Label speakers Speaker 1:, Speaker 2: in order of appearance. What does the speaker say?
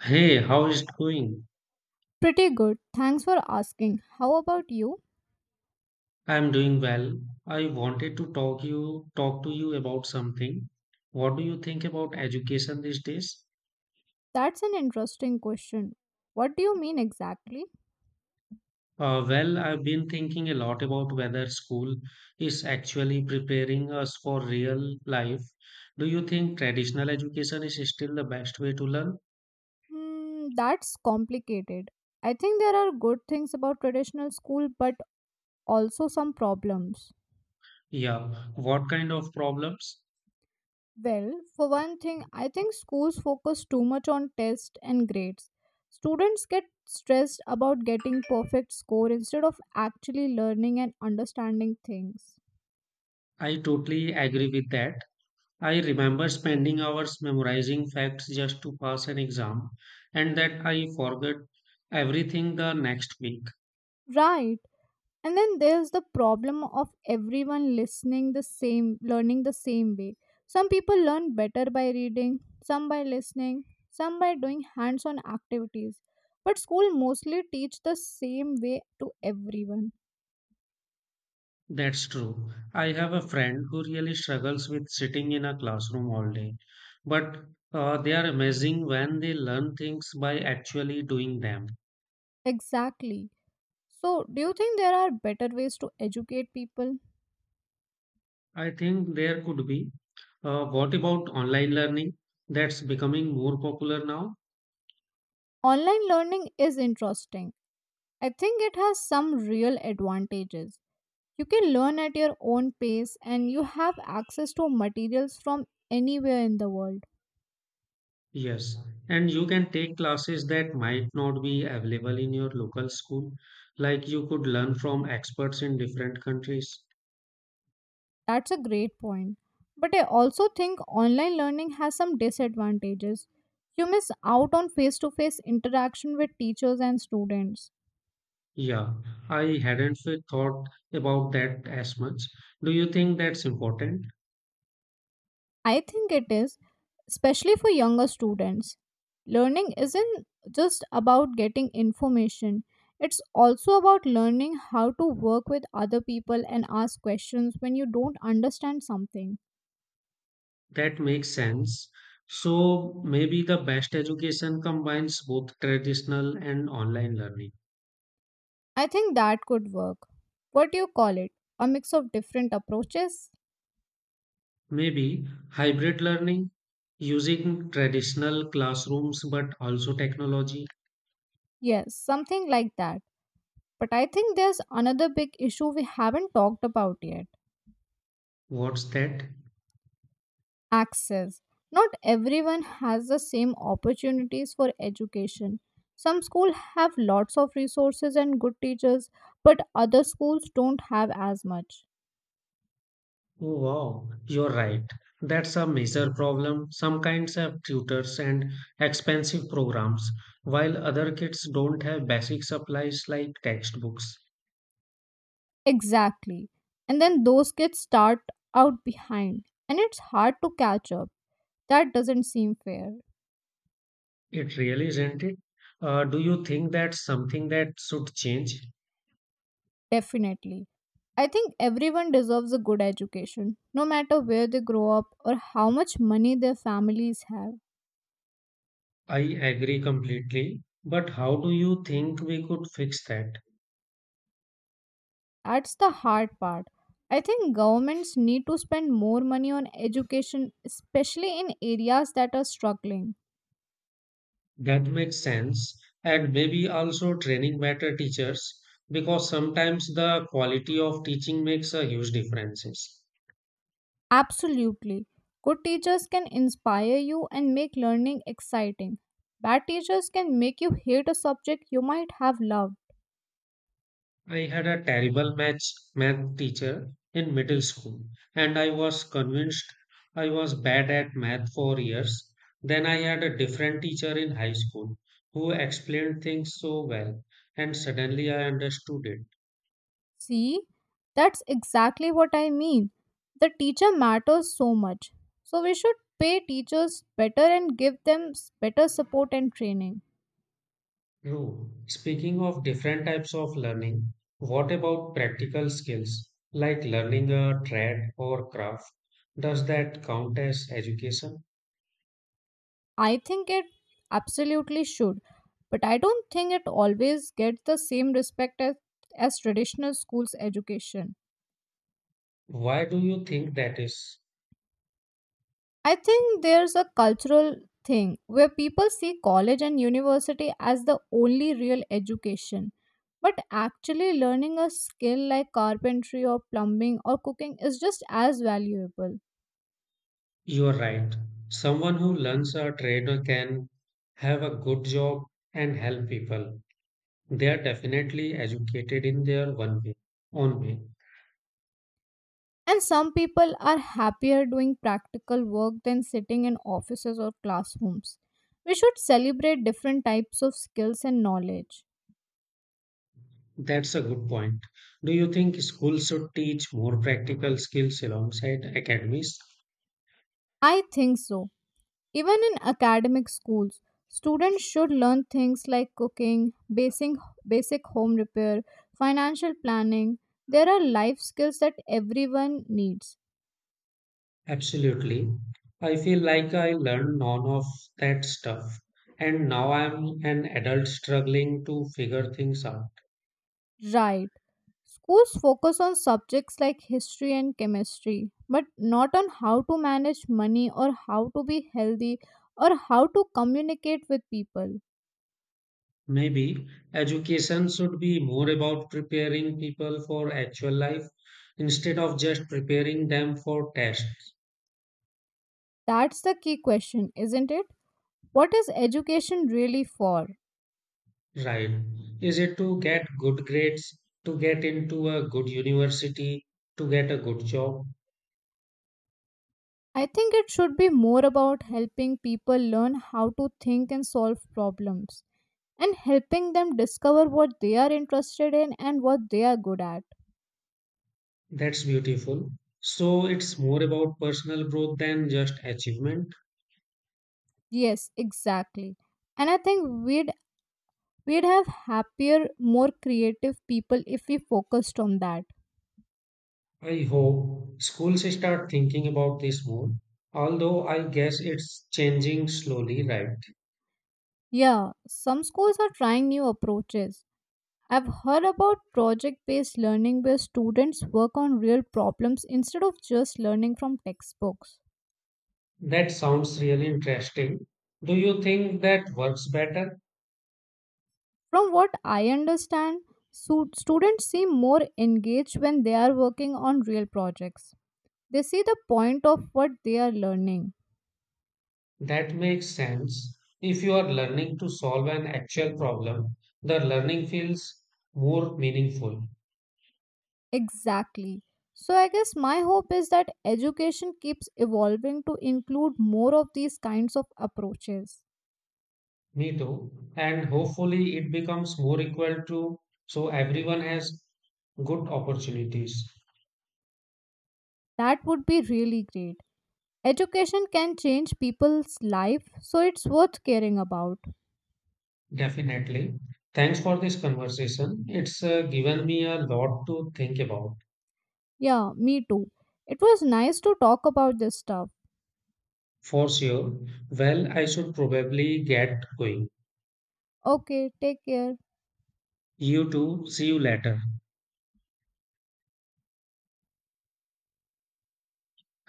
Speaker 1: Hey, how is it going?
Speaker 2: Pretty good. Thanks for asking. How about you?
Speaker 1: I'm doing well. I wanted to talk to you about something. What do you think about education these days?
Speaker 2: That's an interesting question. What do you mean exactly?
Speaker 1: Well, I've been thinking a lot about whether school is actually preparing us for real life. Do you think traditional education is still the best way to learn?
Speaker 2: Hmm, that's complicated. I think there are good things about traditional school, but also some problems.
Speaker 1: Yeah, what kind of problems?
Speaker 2: Well, for one thing, I think schools focus too much on tests and grades. Students get stressed about getting perfect score instead of actually learning and understanding things.
Speaker 1: I totally agree with that. I remember spending hours memorizing facts just to pass an exam, and that I forgot everything the next week.
Speaker 2: Right. And then there's the problem of everyone listening the same learning the same way. Some people learn better by reading, some by listening, some by doing hands-on activities. But school mostly teach the same way to everyone.
Speaker 1: That's true. I have a friend who really struggles with sitting in a classroom all day, but they are amazing when they learn things by actually doing them.
Speaker 2: Exactly. So, do you think there are better ways to educate people?
Speaker 1: I think there could be. What about online learning? That's becoming more popular now.
Speaker 2: Online learning is interesting. I think it has some real advantages. You can learn at your own pace and you have access to materials from anywhere in the world.
Speaker 1: Yes, and you can take classes that might not be available in your local school, like you could learn from experts in different countries.
Speaker 2: That's a great point. But I also think online learning has some disadvantages. You miss out on face to face interaction with teachers and students.
Speaker 1: Yeah, I hadn't f- thought about that as much. Do you think that's important?
Speaker 2: I think it is, especially for younger students. Learning isn't just about getting information, it's also about learning how to work with other people and ask questions when you don't understand something.
Speaker 1: That makes sense. So maybe the best education combines both traditional and online learning.
Speaker 2: I think that could work. What do you call it? A mix of different approaches?
Speaker 1: Maybe hybrid learning using traditional classrooms but also technology.
Speaker 2: Yes, something like that. But I think there's another big issue we haven't talked about yet.
Speaker 1: What's that?
Speaker 2: Access. Not everyone has the same opportunities for education. Some schools have lots of resources and good teachers, but other schools don't have as much.
Speaker 1: Oh wow, you're right. That's a major problem. Some kinds have tutors and expensive programs, while other kids don't have basic supplies like textbooks.
Speaker 2: Exactly. And then those kids start out behind, and it's hard to catch up. That doesn't seem fair.
Speaker 1: It really isn't it? Do you think that's something that should change?
Speaker 2: Definitely. I think everyone deserves a good education, no matter where they grow up or how much money their families have.
Speaker 1: I agree completely. But how do you think we could fix that?
Speaker 2: That's the hard part. I think governments need to spend more money on education, especially in areas that are struggling.
Speaker 1: That makes sense. And maybe also training better teachers, because sometimes the quality of teaching makes a huge difference.
Speaker 2: Absolutely. Good teachers can inspire you and make learning exciting. Bad teachers can make you hate a subject you might have loved.
Speaker 1: I had a terrible math teacher in middle school, and I was convinced I was bad at math for years. Then I had a different teacher in high school who explained things so well, and suddenly I understood it.
Speaker 2: See, that's exactly what I mean. The teacher matters so much. So we should pay teachers better and give them better support and training.
Speaker 1: True. Speaking of different types of learning, what about practical skills like learning a trade or craft? Does that count as education?
Speaker 2: I think it absolutely should, but I don't think it always gets the same respect as traditional schools education.
Speaker 1: Why do you think that is?
Speaker 2: I think there's a cultural thing where people see college and university as the only real education. But actually, learning a skill like carpentry or plumbing or cooking is just as valuable.
Speaker 1: You are right. Someone who learns a trade can have a good job and help people. They are definitely educated in own way.
Speaker 2: And some people are happier doing practical work than sitting in offices or classrooms. We should celebrate different types of skills and knowledge.
Speaker 1: That's a good point. Do you think schools should teach more practical skills alongside academies?
Speaker 2: I think so. Even in academic schools, students should learn things like cooking, basic home repair, financial planning. There are life skills that everyone needs.
Speaker 1: Absolutely. I feel like I learned none of that stuff, and now I'm an adult struggling to figure things out.
Speaker 2: Right. Schools focus on subjects like history and chemistry, but not on how to manage money or how to be healthy or how to communicate with people.
Speaker 1: Maybe education should be more about preparing people for actual life instead of just preparing them for tests,
Speaker 2: That's the key question, isn't it? What is education really for?
Speaker 1: right? Is it to get good grades, to get into a good university, to get a good job?
Speaker 2: I think it should be more about helping people learn how to think and solve problems and helping them discover what they are interested in and what they are good at.
Speaker 1: That's beautiful. So it's more about personal growth than just achievement.
Speaker 2: Yes, exactly. And I think we We'd have happier, more creative people if we focused on that.
Speaker 1: I hope schools start thinking about this more, although I guess it's changing slowly, right?
Speaker 2: Yeah, some schools are trying new approaches. I've heard about project based learning where students work on real problems instead of just learning from textbooks.
Speaker 1: That sounds really interesting. Do you think that works better?
Speaker 2: From what I understand, students seem more engaged when they are working on real projects. They see the point of what they are learning.
Speaker 1: That makes sense. If you are learning to solve an actual problem, the learning feels more meaningful.
Speaker 2: Exactly. So, I guess my hope is that education keeps evolving to include more of these kinds of approaches.
Speaker 1: Me too. And hopefully it becomes more equal to, so everyone has good opportunities.
Speaker 2: That would be really great. Education can change people's life, so it's worth caring about.
Speaker 1: Definitely. Thanks for this conversation. It's given me a lot to think about.
Speaker 2: Yeah, me too. It was nice to talk about this stuff.
Speaker 1: For sure. Well, I should probably get going.
Speaker 2: Okay, take care.
Speaker 1: You too. See you later.